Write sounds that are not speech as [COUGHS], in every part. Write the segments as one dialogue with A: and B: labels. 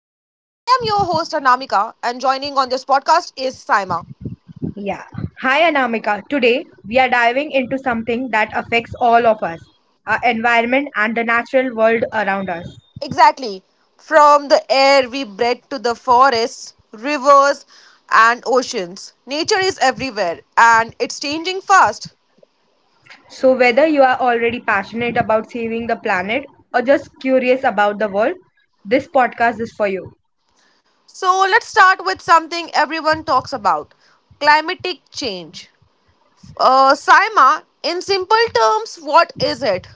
A: and joining on this podcast is Saima.
B: Yeah. Hi Anamika. Today we are diving into something that affects all of us, our environment and the natural world around us.
A: Exactly. From the air we breathe to the forests, rivers, and oceans, nature is everywhere and it's changing fast.
B: So, whether you are already passionate about saving the planet or just curious about the world, this podcast is for you.
A: So, let's start with something everyone talks about climatic change. Saima, in simple terms, what is it?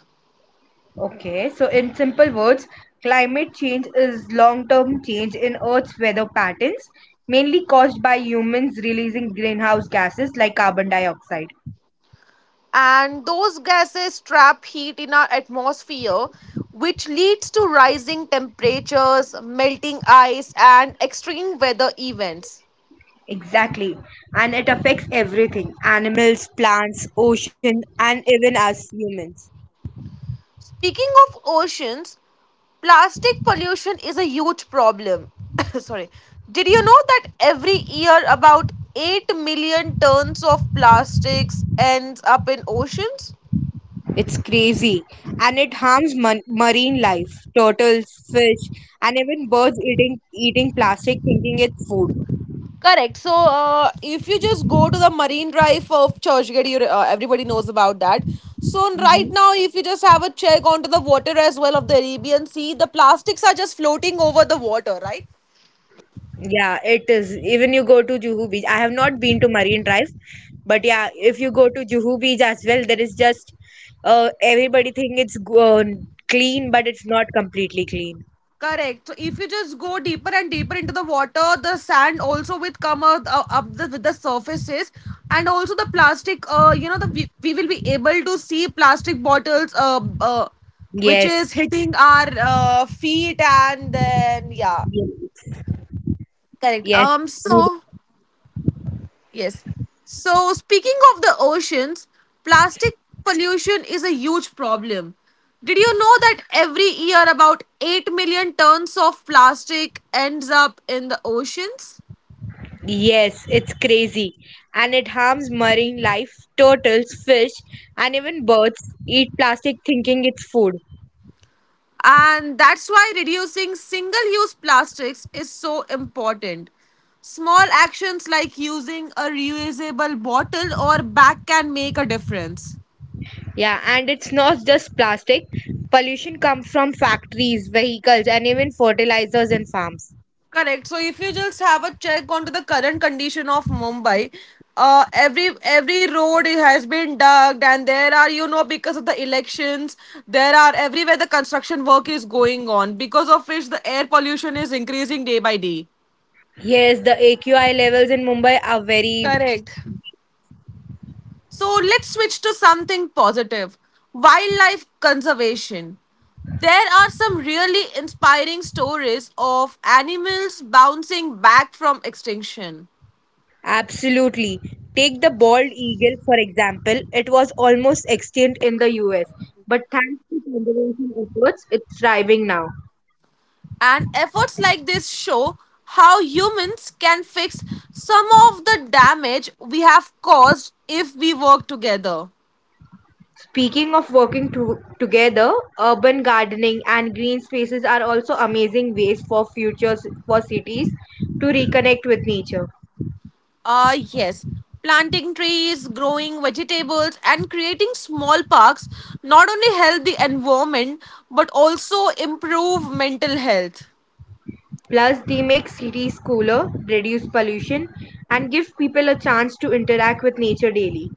B: Okay, so in simple words, climate change is long term change in Earth's weather patterns, mainly caused by humans releasing greenhouse gases like carbon dioxide.
A: And those gases trap heat in our atmosphere, which leads to rising temperatures, melting ice, and extreme weather events.
B: Exactly. And it affects everything, animals, plants, ocean, and even us humans.
A: Speaking of oceans, plastic pollution is a huge problem. [COUGHS] Sorry, did you know that every year about 8 million tons of plastics ends up in oceans?
B: It's crazy. And it harms marine life, turtles, fish, and even birds eating plastic thinking it's food.
A: Correct. So, if you just go to the marine drive of Churchgate, everybody knows about that. So, right
B: Hmm.
A: now, if you just have a check onto the water as well of the Arabian Sea, the plastics are just floating over the water, right?
B: Yeah, it is. Even you go to Juhu Beach. I have not been to Marine Drive, but yeah, if you go to Juhu Beach as well, there is just everybody think it's clean, but it's not completely clean.
A: Correct. So, if you just go deeper and deeper into the water, the sand also will come out, up the, with the surfaces, and also the plastic. The we will be able to see plastic bottles. Which
B: Yes.
A: is hitting our feet, and then yeah. Correct.
B: Yes,
A: So
B: ridiculous.
A: yes. So speaking of the oceans, plastic pollution is a huge problem. Did you know that every year about 8 million tons of plastic ends up in the oceans?
B: Yes, it's crazy. And it harms marine life. Turtles, fish, and even birds eat plastic thinking it's food.
A: And that's why reducing single use plastics is so important. Small actions like using a reusable bottle or bag can make a difference.
B: Yeah, and it's not just plastic. Pollution comes from factories, vehicles, and even fertilizers and farms.
A: Correct. So if you just have a check onto the current condition of Mumbai, every road it has been dug, and there are, you know, because of the elections, there are everywhere the construction work is going on, because of which the air pollution is increasing day by day.
B: Yes, the AQI levels in Mumbai are very
A: Correct.
B: bad.
A: So let's switch to something positive. Wildlife conservation. There are some really inspiring stories of animals bouncing back from extinction.
B: Absolutely. Take the bald eagle, for example. It was almost extinct in the US, but thanks to conservation efforts, it's thriving now.
A: And efforts like this show how humans can fix some of the damage we have caused if we work together.
B: Speaking of working together, urban gardening and green spaces are also amazing ways for futures for cities to reconnect with nature.
A: Ah, Uh, yes, planting trees, growing vegetables, and creating small parks not only help the environment but also improve mental health.
B: Plus, they make cities cooler, reduce pollution, and give people a chance to interact with nature daily.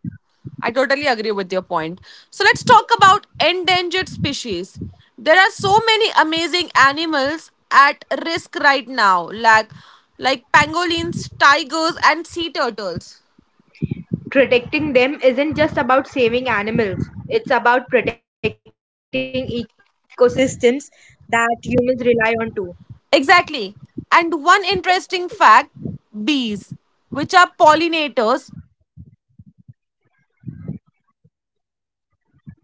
A: I totally agree with your point. So let's talk about endangered species. There are so many amazing animals at risk right now, like pangolins, tigers, and sea turtles.
B: Protecting them isn't just about saving animals, it's about protecting ecosystems that humans rely on too.
C: Exactly. And one interesting fact, bees, which are pollinators.
B: Hello?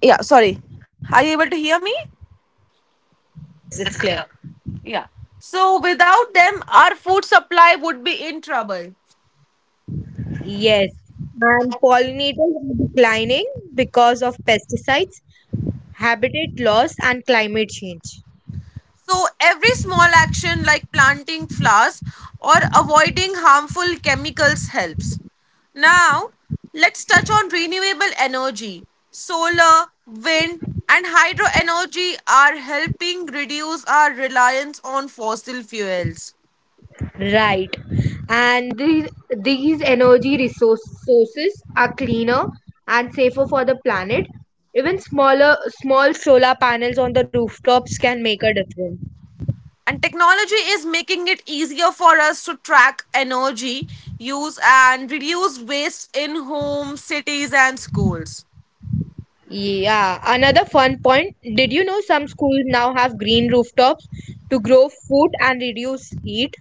C: Yeah, sorry. Are you able to hear me?
B: Yes, it's clear.
C: Yeah. Yeah. So without them, our food supply would be in trouble.
B: Yes, and pollinators are declining because of pesticides, habitat loss, and climate change.
C: So every small action like planting flowers or avoiding harmful chemicals helps. Now, let's touch on renewable energy. Solar, wind, and hydro energy are helping reduce our reliance on fossil fuels.
B: Right. And these energy sources are cleaner and safer for the planet. Even small solar panels on the rooftops can make a difference.
C: And technology is making it easier for us to track energy use and reduce waste in homes, cities, and schools.
B: Yeah, another fun point. Did you know some schools now have green rooftops to grow food and reduce heat?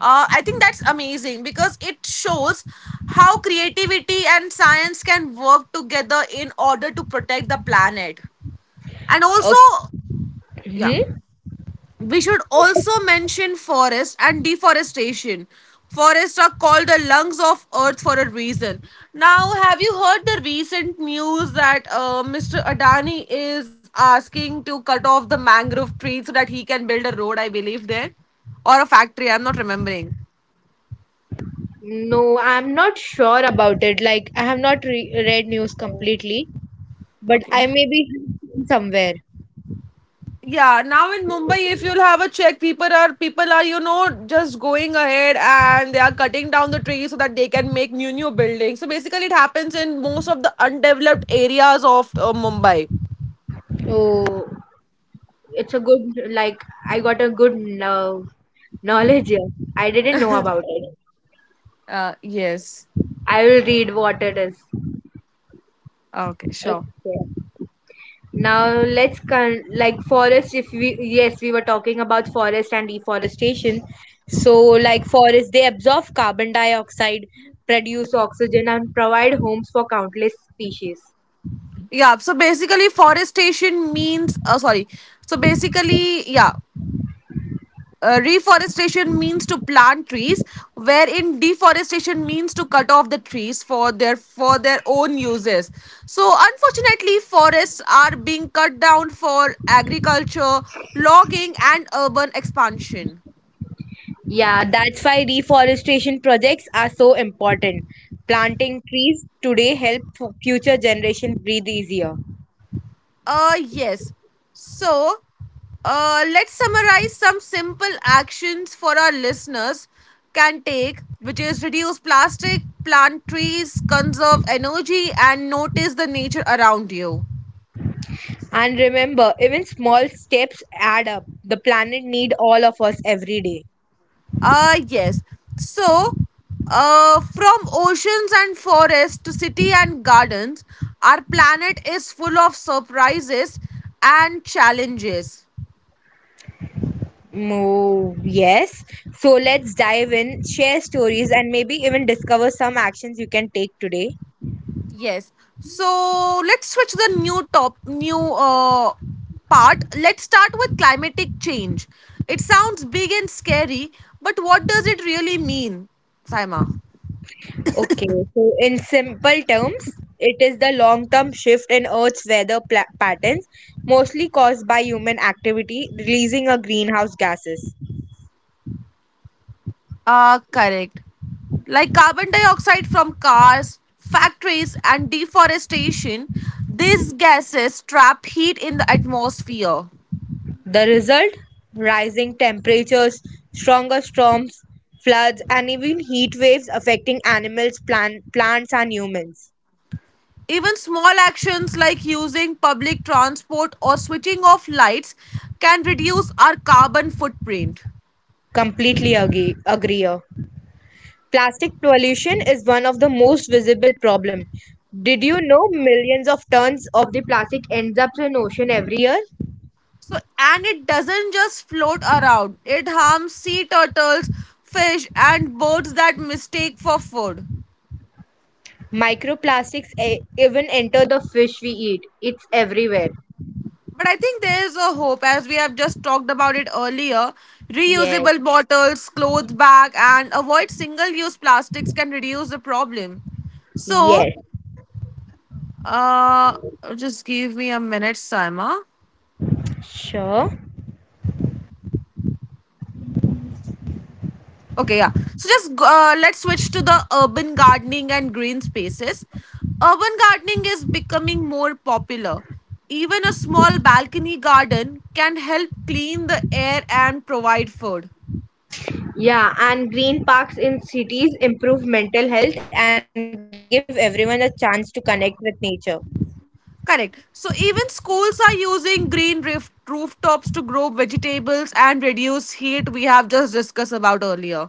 C: I think that's amazing because it shows how creativity and science can work together in order to protect the planet. And also, yeah.
B: Okay. Hmm?
C: We should also mention forest and deforestation. Forests are called the lungs of earth for a reason. Now, have you heard the recent news that Mr. Adani is asking to cut off the mangrove trees so that he can build a road, I believe, there? Or a factory, I'm not remembering.
B: No, I'm not sure about it. Like, I have not read news completely, but I may
C: Okay.
B: be somewhere.
C: Yeah, now in Mumbai, if you'll have a check, people are just going ahead and they are cutting down the trees so that they can make new buildings. So basically, it happens in most of the undeveloped areas of Mumbai.
B: Oh, it's a good, like, I got a good knowledge here. I didn't know about it.
C: Yes.
B: I will read what it is.
C: Okay, sure.
B: Okay. Now let's con- like forest. If we yes, we were talking about forest and deforestation. So like forest, they absorb carbon dioxide, produce oxygen, and provide homes for countless species.
C: Yeah, so basically, forestation means sorry. So basically, yeah. Reforestation means to plant trees, wherein deforestation means to cut off the trees for their own uses, so unfortunately forests are being cut down for agriculture, logging, and urban expansion.
B: Yeah, that's why reforestation projects are so important. Planting trees today help future generation breathe easier.
C: Yes. So let's summarize some simple actions for our listeners can take, which is reduce plastic, plant trees, conserve energy, and notice the nature around you.
B: And remember, even small steps add up. The planet need all of us every day.
C: Ah, yes. So, from oceans and forests to city and gardens, our planet is full of surprises and challenges.
B: Oh, yes. So let's dive in, share stories and maybe even discover some actions you can take today.
C: Yes. So let's switch to the new part. Let's start with climatic change. It sounds big and scary, but what does it really mean, Saima?
B: Okay, so in simple terms, it is the long term shift in Earth's weather patterns, mostly caused by human activity releasing a greenhouse gases.
C: Ah, correct. Like carbon dioxide from cars, factories, and deforestation, these gases trap heat in the atmosphere.
B: The result? Rising temperatures, stronger storms, floods, and even heat waves affecting animals, plants, and humans.
C: Even small actions like using public transport or switching off lights can reduce our carbon footprint.
B: Completely agree. Agree here. Plastic pollution is one of the most visible problem. Did you know millions of tons of the plastic ends up in ocean every year?
C: So, and it doesn't just float around, it harms sea turtles, fish, and birds that mistake for food.
B: Microplastics even enter the fish we eat. It's everywhere.
C: But I think there is a hope, as we have just talked about it earlier.
B: Yes.
C: Reusable bottles, cloth bag, and avoid single-use plastics can reduce the problem. So,
B: Yes.
C: uh, just give me a minute, Saima.
B: Sure.
C: Okay, yeah. So just let's switch to the urban gardening and green spaces. Urban gardening is becoming more popular. Even a small balcony garden can help clean the air and provide food.
B: Yeah, and green parks in cities improve mental health and give everyone a chance to connect with nature.
C: Correct. So even schools are using green roof rooftops to grow vegetables and reduce heat we have just discussed about earlier.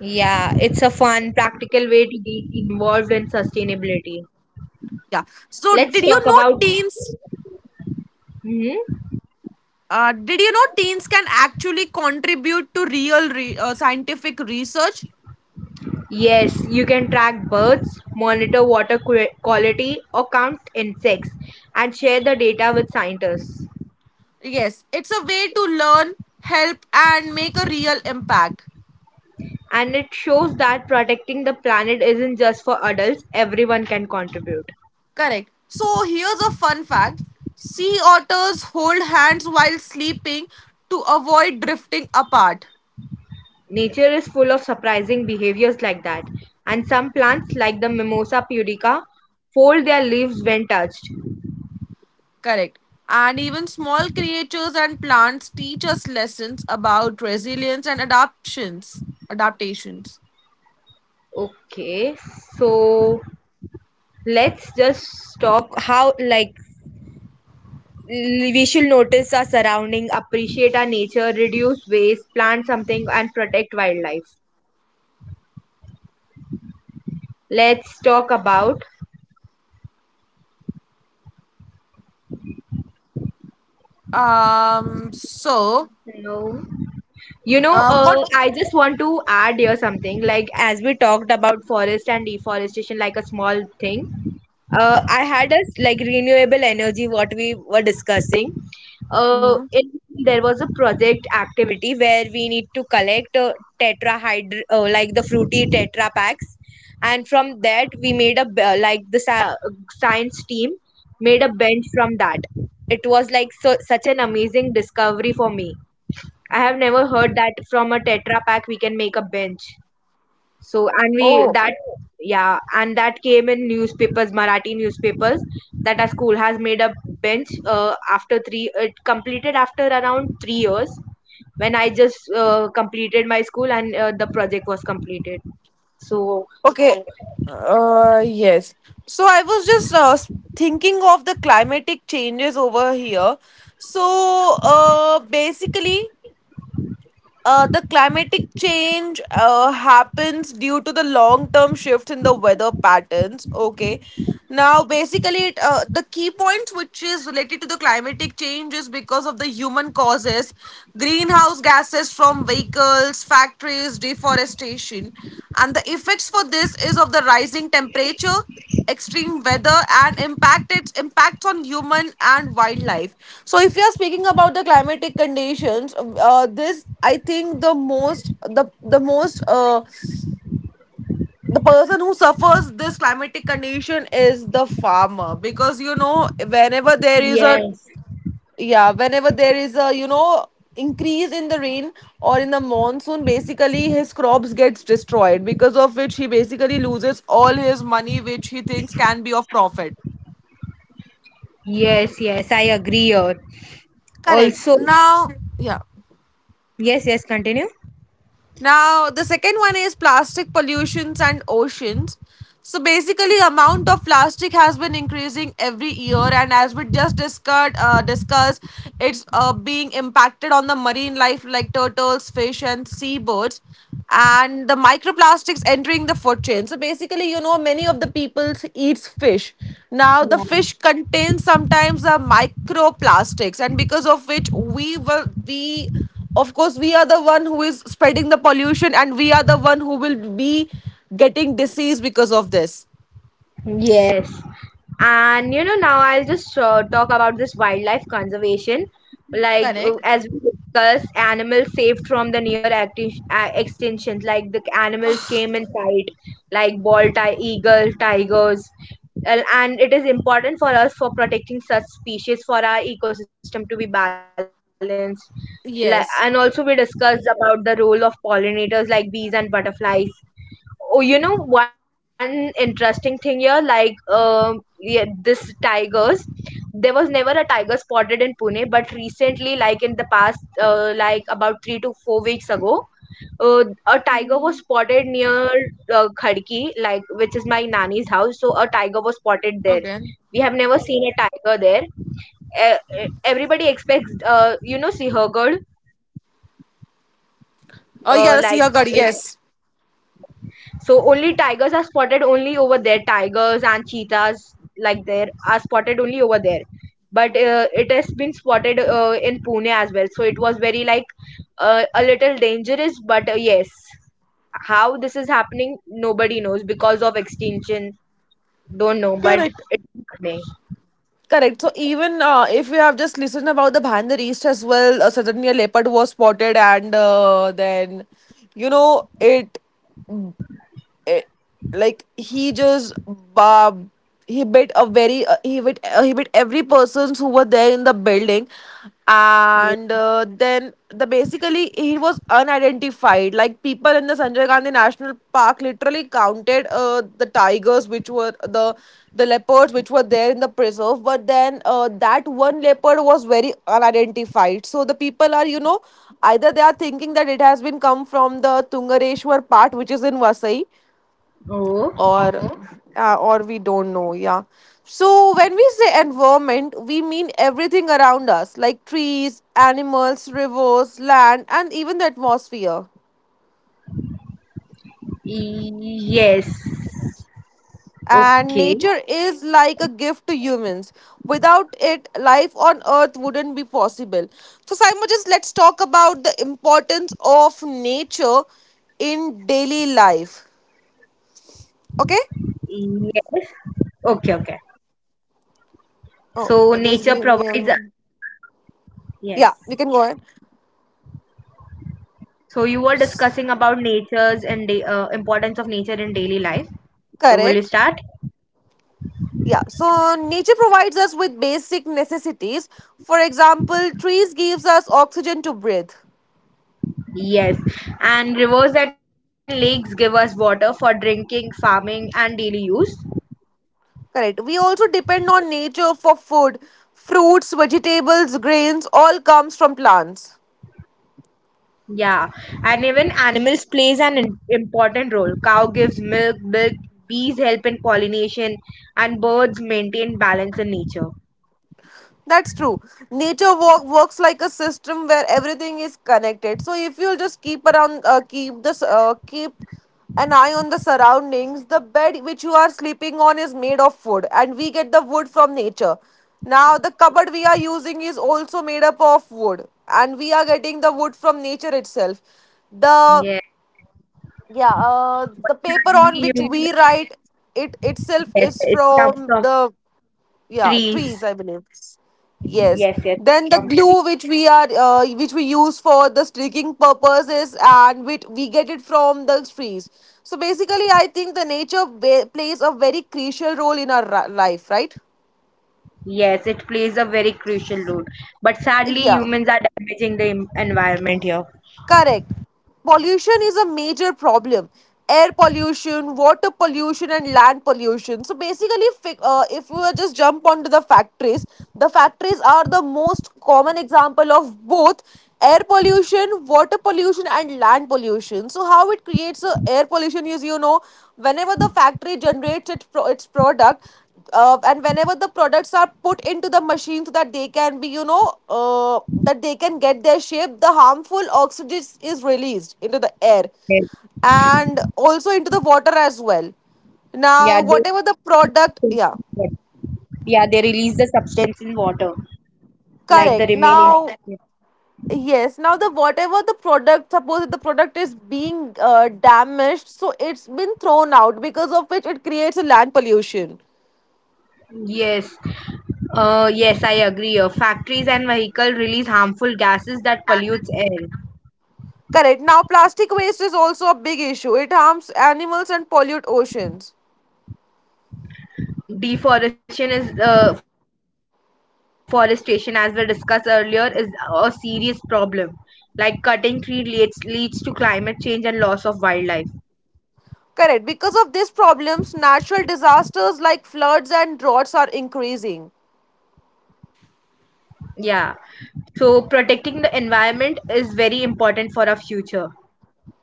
B: Yeah, it's a fun, practical way to get involved in sustainability.
C: Yeah. So
B: Let's
C: did you
B: talk
C: know
B: about.
C: teens
B: Hmm?
C: did you know teens can actually contribute to real scientific research?
B: Yes, you can track birds, monitor water quality, or count insects, and share the data with scientists.
C: Yes, it's a way to learn, help and make a real impact.
B: And it shows that protecting the planet isn't just for adults, everyone can contribute.
C: Correct. So here's a fun fact. Sea otters hold hands while sleeping to avoid drifting apart.
B: Nature is full of surprising behaviors like that, and some plants, like the Mimosa pudica, fold their leaves when touched.
C: Correct. And even small creatures and plants teach us lessons about resilience and adaptations. Adaptations.
B: Okay, so let's just talk how, like, we should notice our surrounding, appreciate our nature, reduce waste, plant something, and protect wildlife. Let's talk about.
C: So,
B: Hello. You know,
C: what?
B: I just want to add here something. Like, as we talked about forest and deforestation, like a small thing, I had a like renewable energy, what we were discussing. Uh,
C: Mhm.
B: in, there was a project activity where we need to collect like the fruity tetra packs, and from that we made a like the science team made a bench from that. It was like so, such an amazing discovery for me. I have never heard that from a Tetra pack we can make a bench. So and we that yeah, and that came in newspapers, Marathi newspapers, that our school has made a bench after around 3 years when I just completed my school and the project was completed. So
C: Okay. Yes. So I was just thinking of the climatic changes over here. So basically, the climatic change happens due to the long term shift in the weather patterns. Okay. Now, basically, the key points which is related to the climatic change is because of the human causes, greenhouse gases from vehicles, factories, deforestation. And the effects for this is of the rising temperature, extreme weather, and impact its impacts on human and wildlife. So if you are speaking about the climatic conditions, this I think the person who suffers this climatic condition is the farmer, because whenever there is a
B: yes,
C: yeah, whenever there is a increase in the rain or in the monsoon, basically his crops gets destroyed, because of which he basically loses all his money, which he thinks can be of profit.
B: yes, yes, I agree here.
C: Correct.
B: Also
C: Now, yeah.
B: yes, yes, continue.
C: Now, the second one is plastic pollutions and oceans. So basically, amount of plastic has been increasing every year, and as we just discussed, it's being impacted on the marine life like turtles, fish, and seabirds, and the microplastics entering the food chain. So basically, many of the people eats fish. Now the
B: Yeah.
C: fish contains sometimes the microplastics, and because of which of course, we are the one who is spreading the pollution, and we are the one who will be getting disease because of this.
B: Yes. And you know, now I'll just talk about this wildlife conservation. Like,
C: Correct.
B: as we discussed, animals saved from the near extinction, like the animals came in sight, like bald eagle, tigers. And it is important for us for protecting such species for our ecosystem to be balanced. Like, and
C: Yes.
B: also, we discussed about the role of pollinators like bees and butterflies. Oh, you know one interesting thing here, like, yeah, this tigers, there was never a tiger spotted in Pune, but recently like in the past, like about 3 to 4 weeks ago, a tiger was spotted near, Khadki, like which is my nani's house. So a tiger was spotted there.
C: Okay.
B: We have never seen a tiger there. Everybody expects, you know, Sihargad,
C: Oh, you gotta
B: like
C: see her god.
B: it
C: Yes.
B: Yes. So only tigers are spotted only over there. Tigers and cheetahs, like there are spotted only over there. But it has been spotted in Pune as well. So it was very like, a little dangerous. But yes, how this is happening, nobody knows. Because of extinction, don't know, but
C: Correct.
B: it is happening.
C: Correct. So even if you have just listened about the Bhandar East as well, suddenly a leopard was spotted, and then you know it it, like he just bob he bit every persons who were there in the building. And
B: Oh.
C: then the basically he was unidentified, like people in the Sanjay Gandhi National Park literally counted the tigers which were the leopards which were there in the
B: Hmm.
C: preserve, but then, that one leopard was very unidentified, so the people are,
B: Oh.
C: either they are thinking that it has been come from the Tungareshwar part, which is in Vasai,
B: Oh.
C: or or we don't know, yeah. So when we say environment, we mean everything around us, like trees, animals, rivers, land, and even the atmosphere.
B: Yes.
C: And nature
B: Okay.
C: is like a gift to
B: Eh,
C: humans. Without it, life on earth wouldn't be possible. So, Simon, just let's talk about the importance of nature in daily life. Okay.
B: yes. Okay. Okay.
C: Oh,
B: So
C: just
B: nature
C: give me a
B: provides a-
C: minute. Yeah,
B: yes.
C: you can go ahead.
B: So you were discussing about importance of nature in daily life.
C: Correct.
B: So will you start?
C: Yeah, so nature provides us with basic necessities. For example, trees gives us oxygen to breathe.
B: Yes. And rivers and lakes give us water for drinking, farming, and daily use.
C: Correct. We also depend on nature for food. Fruits, vegetables, grains all comes from plants.
B: Yeah. And even animals plays an important role. Cow gives milk, bees help in pollination, and birds maintain balance in nature.
C: That's true. Nature walk works like a system where everything is connected. So if you'll just keep an eye on the surroundings. The bed which you are sleeping on is made of wood, and we get the wood from nature. Now the cupboard we are
B: Yes.
C: using is also made up of wood, and we are getting the wood from nature itself. The
B: Yes.
C: yeah,
B: But
C: the paper
B: sadly,
C: on which
B: humans
C: we
B: are
C: write, it itself,
B: yes,
C: is
B: it comes
C: from
B: from
C: the, yeah,
B: trees.
C: trees, I believe. Yes,
B: Yes, yes, it's
C: then the
B: from
C: glue
B: trees.
C: which we are which we use for the
B: Then-
C: sticking purposes, and we get it from the trees. So basically I think the nature plays a very crucial role in our life, right?
B: Yes, it plays a very crucial role. But sadly,
C: Yeah.
B: humans are damaging the environment here.
C: Correct. Pollution is a major problem. Air pollution, water pollution, and land pollution. So basically, if we were just jump onto the factories are the most common example of both air pollution, water pollution, and land pollution. So how it creates a air pollution is, whenever the factory generates its product, and whenever the products are put into the machine so that they can be you know that they can get their shape, the harmful oxygen is released into the air
B: Yes.
C: and also into the water as well. Now
B: Yeah, they
C: whatever the
B: release the
C: product. Yeah.
B: substances in water. Yeah, they release the substance in water, like the
C: Correct.
B: remaining.
C: Now, yes. Now, the whatever the product, suppose if the product is being damaged, so it's been thrown out, because of which it creates a land pollution.
B: Yes. Yes, I agree. Factories and vehicle release harmful gases that pollutes air.
C: Correct. Now, plastic waste is also a big issue. It harms animals and pollute oceans.
B: Deforestation is forestation as we discussed earlier is a serious problem, like cutting tree leads to climate change and loss of wildlife.
C: Correct. Because of these problems, natural disasters like floods and droughts are increasing.
B: Yeah, so protecting the environment is very important for our future.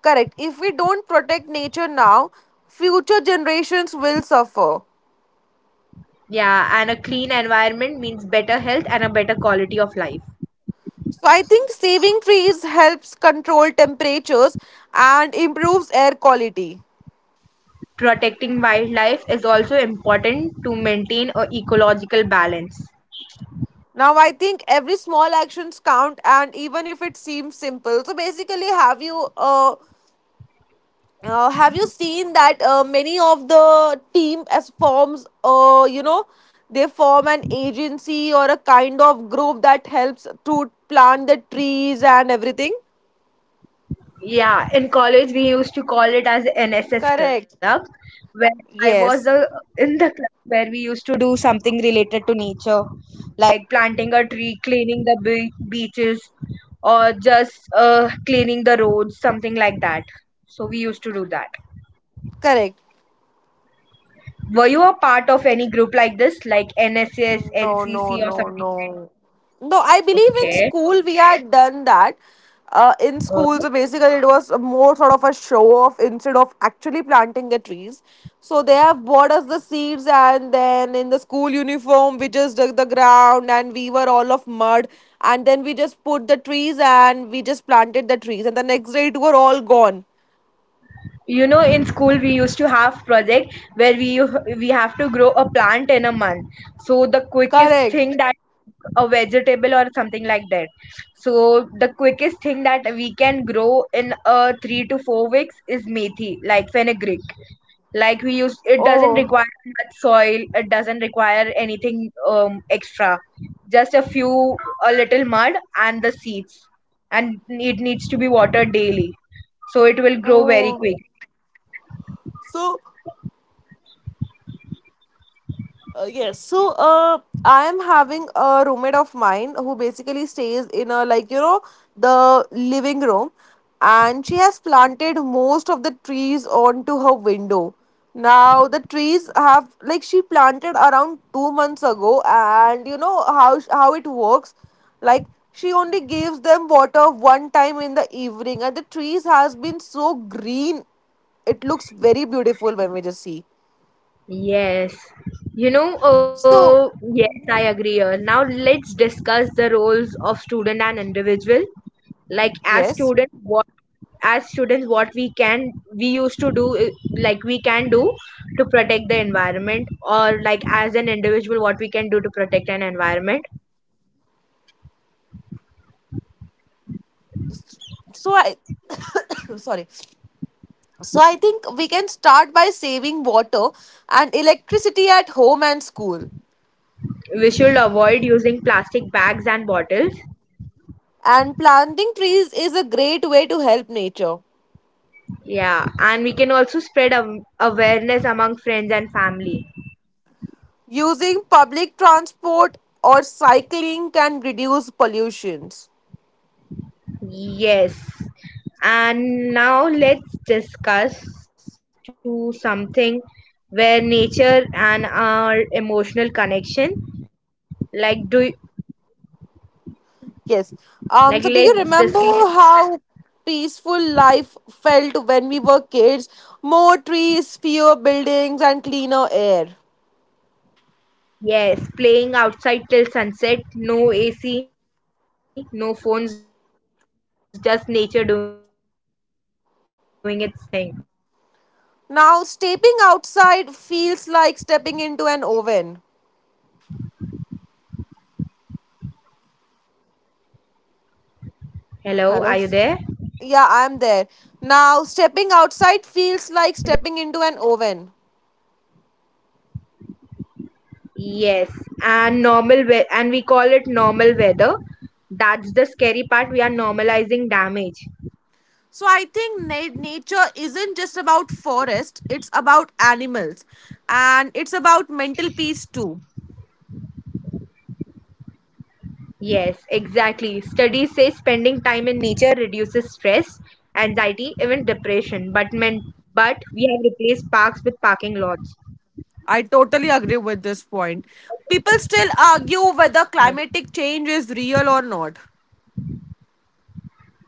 C: Correct. If we don't protect nature now, future generations will suffer.
B: Yeah, and a clean environment means better health and a better quality of life.
C: So, I think saving trees helps control temperatures and improves air quality.
B: Protecting wildlife is also important to maintain a ecological balance.
C: Now, I think every small actions count, and even if it seems simple. So, basically, have you seen that many of the team as forms, they form an agency or a kind of group that helps to plant the trees and everything.
B: Yeah, in college we used to call it as NSS club,
C: Correct.
B: where I was
C: Yes.
B: in the club where we used to do something related to nature, like planting a tree, cleaning the beaches, or just cleaning the roads, something like that. So we used to do that.
C: Correct.
B: Were you a part of any group like this, like NSS,
C: No, no,
B: NCC, or
C: no,
B: something
C: no.
B: like?
C: No, I believe in
B: Okay.
C: school we had done that. In school, so
B: Oh.
C: basically it was a more sort of a show off instead of actually planting the trees. So they have bought us the seeds, and then in the school uniform, we just dug the ground and we were all of mud. And then we just put the trees and we just planted the trees, and the next day it were all gone.
B: You know, in school we used to have project where we have to grow a plant in a month, so the quickest thing
C: Correct.
B: that a vegetable or something like that, so the quickest thing that we can grow in a 3 to 4 weeks is methi, like fenugreek. Like we use, it doesn't
C: Oh,
B: require much soil, it doesn't require anything, extra, just a few, a little mud and the seeds, and it needs to be watered daily, so it will grow very
C: oh.
B: quickly.
C: So yes. So, I am having a roommate of mine who basically stays in a like you know the living room, and she has planted most of the trees onto her window. Now the trees have like she planted around 2 months ago, and you know how it works. Like she only gives them water one time in the evening, and the trees has been so green. It looks very beautiful when we just see.
B: Yes. You know,
C: So
B: yes, I agree. Here. Now let's discuss the roles of student and individual. Like
C: yes.
B: as students what we can we used to do, like we can do, to protect the environment, or like as an individual what we can do to protect an environment.
C: So I [COUGHS] sorry, so I think we can start by saving water and electricity at home and school,
B: We should avoid using plastic bags and bottles.
C: and planting trees is a great way to help nature.
B: Yeah, and we can also spread awareness among friends and family.
C: Using public transport or cycling can reduce pollutions.
B: Yes. And now let's discuss to something where nature and our emotional connection, like do
C: Yes.
B: like
C: So do you
B: let's
C: remember
B: discuss.
C: how peaceful life felt when we were kids? More trees, fewer buildings, and cleaner air.
B: Yes, playing outside till sunset, no AC, no phones, just nature doing its thing.
C: Now, stepping outside
B: Hello, are you
C: feels
B: there?
C: like stepping into an oven.
B: Yes, and we call it normal
C: Hello?
B: weather.
C: Yeah,
B: Hello.
C: I'm there. Now, stepping outside feels like stepping into an oven.
B: Yes, and and we call it normal weather. That's the scary part. We are normalizing damage.
C: So, I think nature isn't just about forest, it's about animals. And it's about mental peace too.
B: Yes, exactly. Studies say spending time in nature reduces stress, anxiety, even depression. But men, but we have replaced parks with parking lots.
C: I totally agree with this point. People still argue whether
B: Yeah.
C: climatic change is real or not.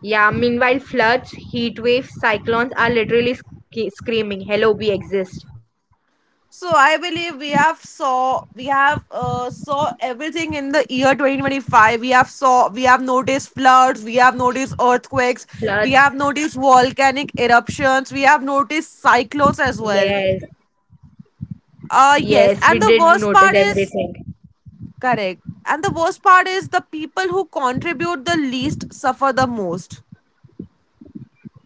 B: Yeah. Meanwhile, floods, heat waves, cyclones are literally screaming, "Hello, we exist."
C: So I believe we have saw everything in the year 2025. We have noticed floods, we have noticed earthquakes,
B: Floods.
C: we have noticed volcanic eruptions, we have noticed cyclones as well.
B: Yes. Yes, we
C: Yes, and
B: did
C: the worst
B: notice
C: part is
B: everything.
C: correct. And the worst part is the people who contribute the least suffer the most.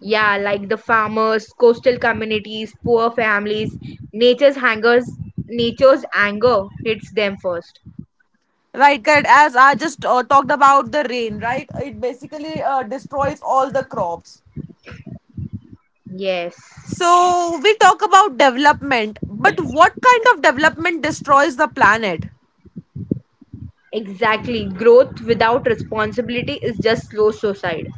B: Yeah, like the farmers, coastal communities, poor families, nature's hangers, nature's anger hits them first.
C: Right, correct. As I just talked about the rain, right? It basically destroys all the crops.
B: Yes,
C: So, we talk about development, but what kind of development destroys the planet?
B: exactly. Growth without responsibility is just slow suicide.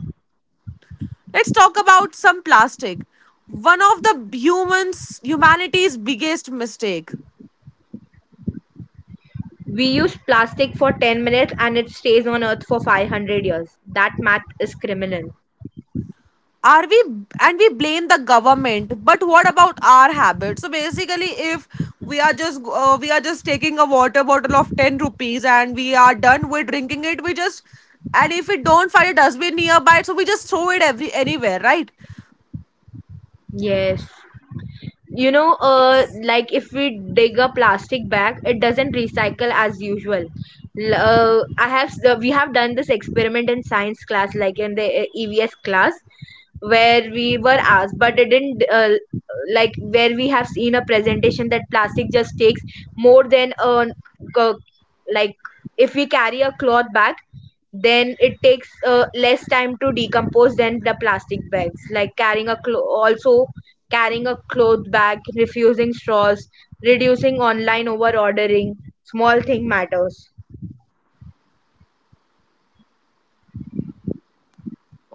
C: Let's talk about some plastic. One of the humans humanity's biggest mistake.
B: We use plastic for 10 minutes and it stays on earth for 500 years. That math is criminal.
C: Are we And we blame the government, but what about our habits? So basically, if we are just taking a water bottle of 10 rupees and we are done with drinking it, we just— and if we don't find a dustbin nearby, so we just throw it every anywhere, right?
B: Yes. You know,
C: Yes.
B: like if we dig a plastic bag it doesn't recycle as usual. I have we have done this experiment in science class, like in the EVS class, where we were asked, but it didn't like where we have seen a presentation that plastic just takes more than co- like if we carry a cloth bag, then it takes less time to decompose than the plastic bags. Like carrying a also carrying a cloth bag, refusing straws, reducing online over ordering, small thing matters.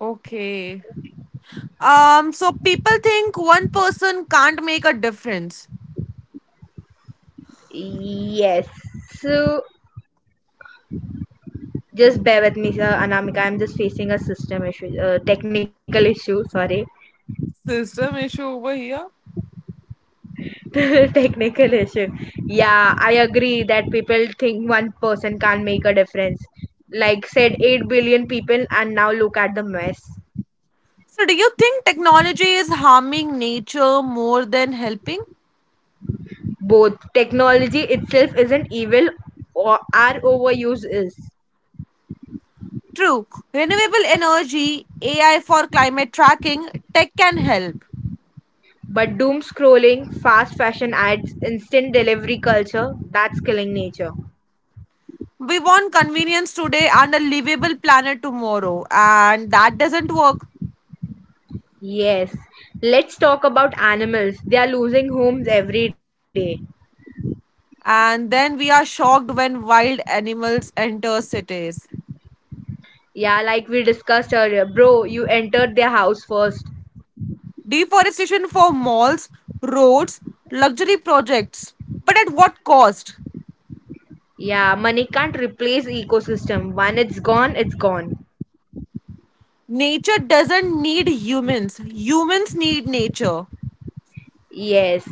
C: Okay. So people think one person can't make a difference.
B: Yes. So just bear with me, sir. Anamika, I'm just facing a system issue, technical issue. Sorry,
C: System issue over here.
B: [LAUGHS] technical issue. Yeah, I agree that people think one person can't make a difference. Like said, 8 billion people, and now look at the mess.
C: So, do you think technology is harming nature more than helping?
B: Both technology itself isn't evil, or our overuse is.
C: True. Renewable energy, AI for climate tracking, tech can help.
B: But doom scrolling, fast fashion ads, instant delivery culture, that's killing nature.
C: We want convenience today and a livable planet tomorrow, and that doesn't work.
B: Yes, let's talk about animals. They are losing homes every day.
C: And then we are shocked when wild animals enter cities.
B: Yeah, like we discussed earlier, bro, you entered their house first.
C: Deforestation for malls, roads, luxury projects. But at what cost?
B: Yeah, money can't replace ecosystem. When it's gone, it's gone.
C: Nature doesn't need humans, humans need nature.
B: Yes,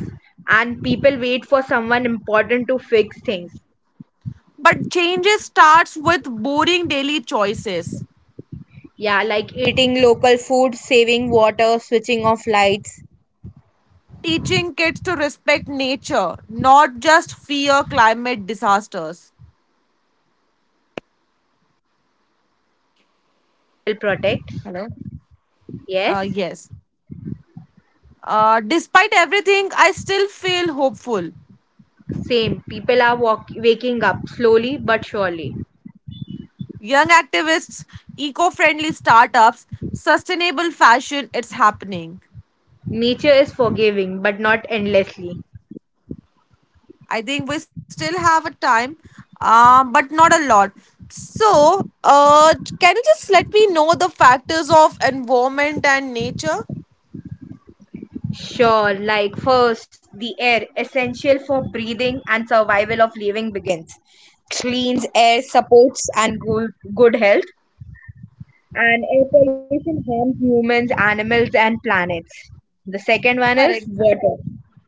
B: and people wait for someone important to fix things.
C: But change starts with boring daily choices.
B: Yeah, like eating local food, saving water, switching off lights
C: Teaching kids to respect nature, not just fear climate disasters.
B: will protect. Yes.
C: Yes. Despite everything, I still feel hopeful.
B: Same. People are waking up slowly but surely.
C: Young activists, eco friendly startups, sustainable fashion, it's happening.
B: Nature is forgiving but not endlessly.
C: I think we still have a time, but not a lot. So, can you just let me know the factors of environment and nature?
B: Sure, like first, the air, essential for breathing and survival of living, begins. Cleans air supports and good health, and air pollution harms humans, animals, and planets. The second one is
C: Correct.
B: water.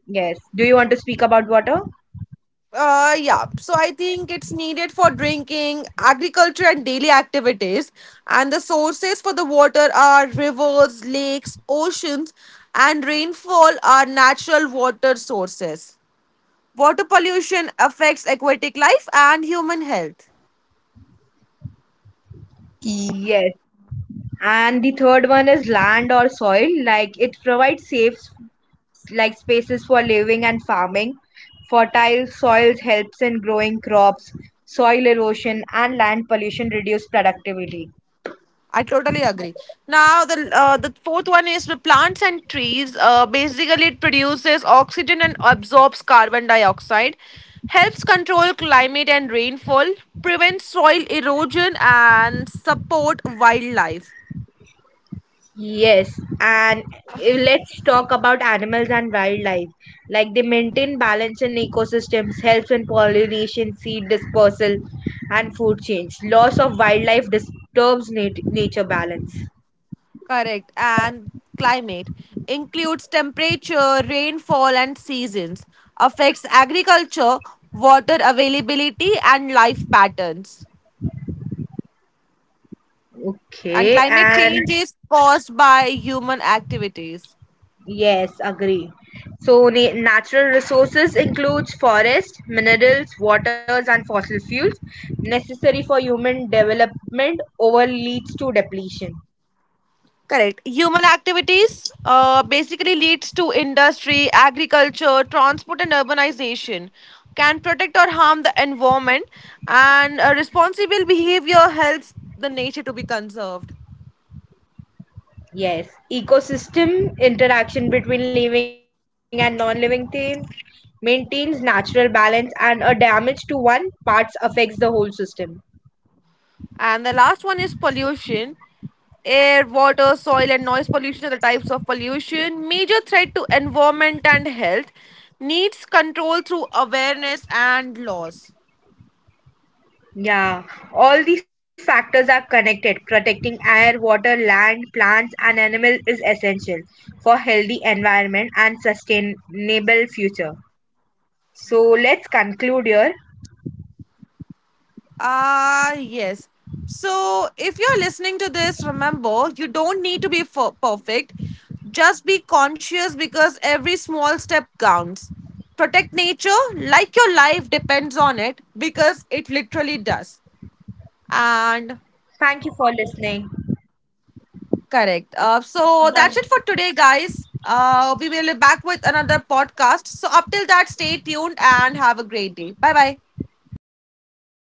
B: Yes. Do you want to speak about water?
C: Yeah. So I think it's needed for drinking, agriculture, and daily activities. And the sources for the water are rivers, lakes,
B: Sorry, your voice.
C: oceans, and rainfall are natural water
B: Your
C: sources.
B: voice is breaking,
C: Water
B: Anamika.
C: pollution affects aquatic life and human health.
B: Yes. And the third one is land or soil, like it provides safe, like spaces for living and farming. Fertile soils helps in growing crops. Soil erosion and land pollution reduce productivity.
C: I totally agree. Now, the fourth one is the plants and trees. Basically, it produces oxygen and absorbs carbon dioxide, helps control climate and rainfall, prevents soil erosion, and support wildlife.
B: Yes, and eh, let's talk about animals and wildlife, like they maintain balance in ecosystems, helps in pollination, seed dispersal, and food change. Loss of wildlife disturbs nature balance.
C: Correct. And climate includes temperature, rainfall, and seasons. Affects agriculture, water availability, and life patterns. And
B: Okay,
C: climate
B: and
C: change is caused by human activities.
B: yes, agree. So natural resources includes forest, minerals, waters and fossil fuels, necessary for human development, over leads to depletion.
C: Correct. Human activities basically leads to industry, agriculture, transport, and urbanization. Can protect or harm the environment, and responsible behavior helps the nature to be conserved.
B: Yes, ecosystem interaction between living and non-living things maintains natural balance, and a damage to one parts affects the whole system.
C: And the last one is pollution. Air, water, soil, and noise pollution are the types of pollution. Major threat to environment and health, needs control through awareness and laws.
B: Yeah, all these factors are connected. Protecting air, water, land, plants, and animals is essential for healthy environment and sustainable future. So let's conclude here.
C: Ah, yes. So, if you're listening to this, remember you don't need to be perfect. Just be conscious because every small step counts. Protect nature like your life depends on it because it literally does. And
B: Thank you for listening.
C: correct. So, that's it for
B: Bye.
C: today, guys. We will be back with another podcast. So, up till that, stay tuned and have a great day. Bye bye.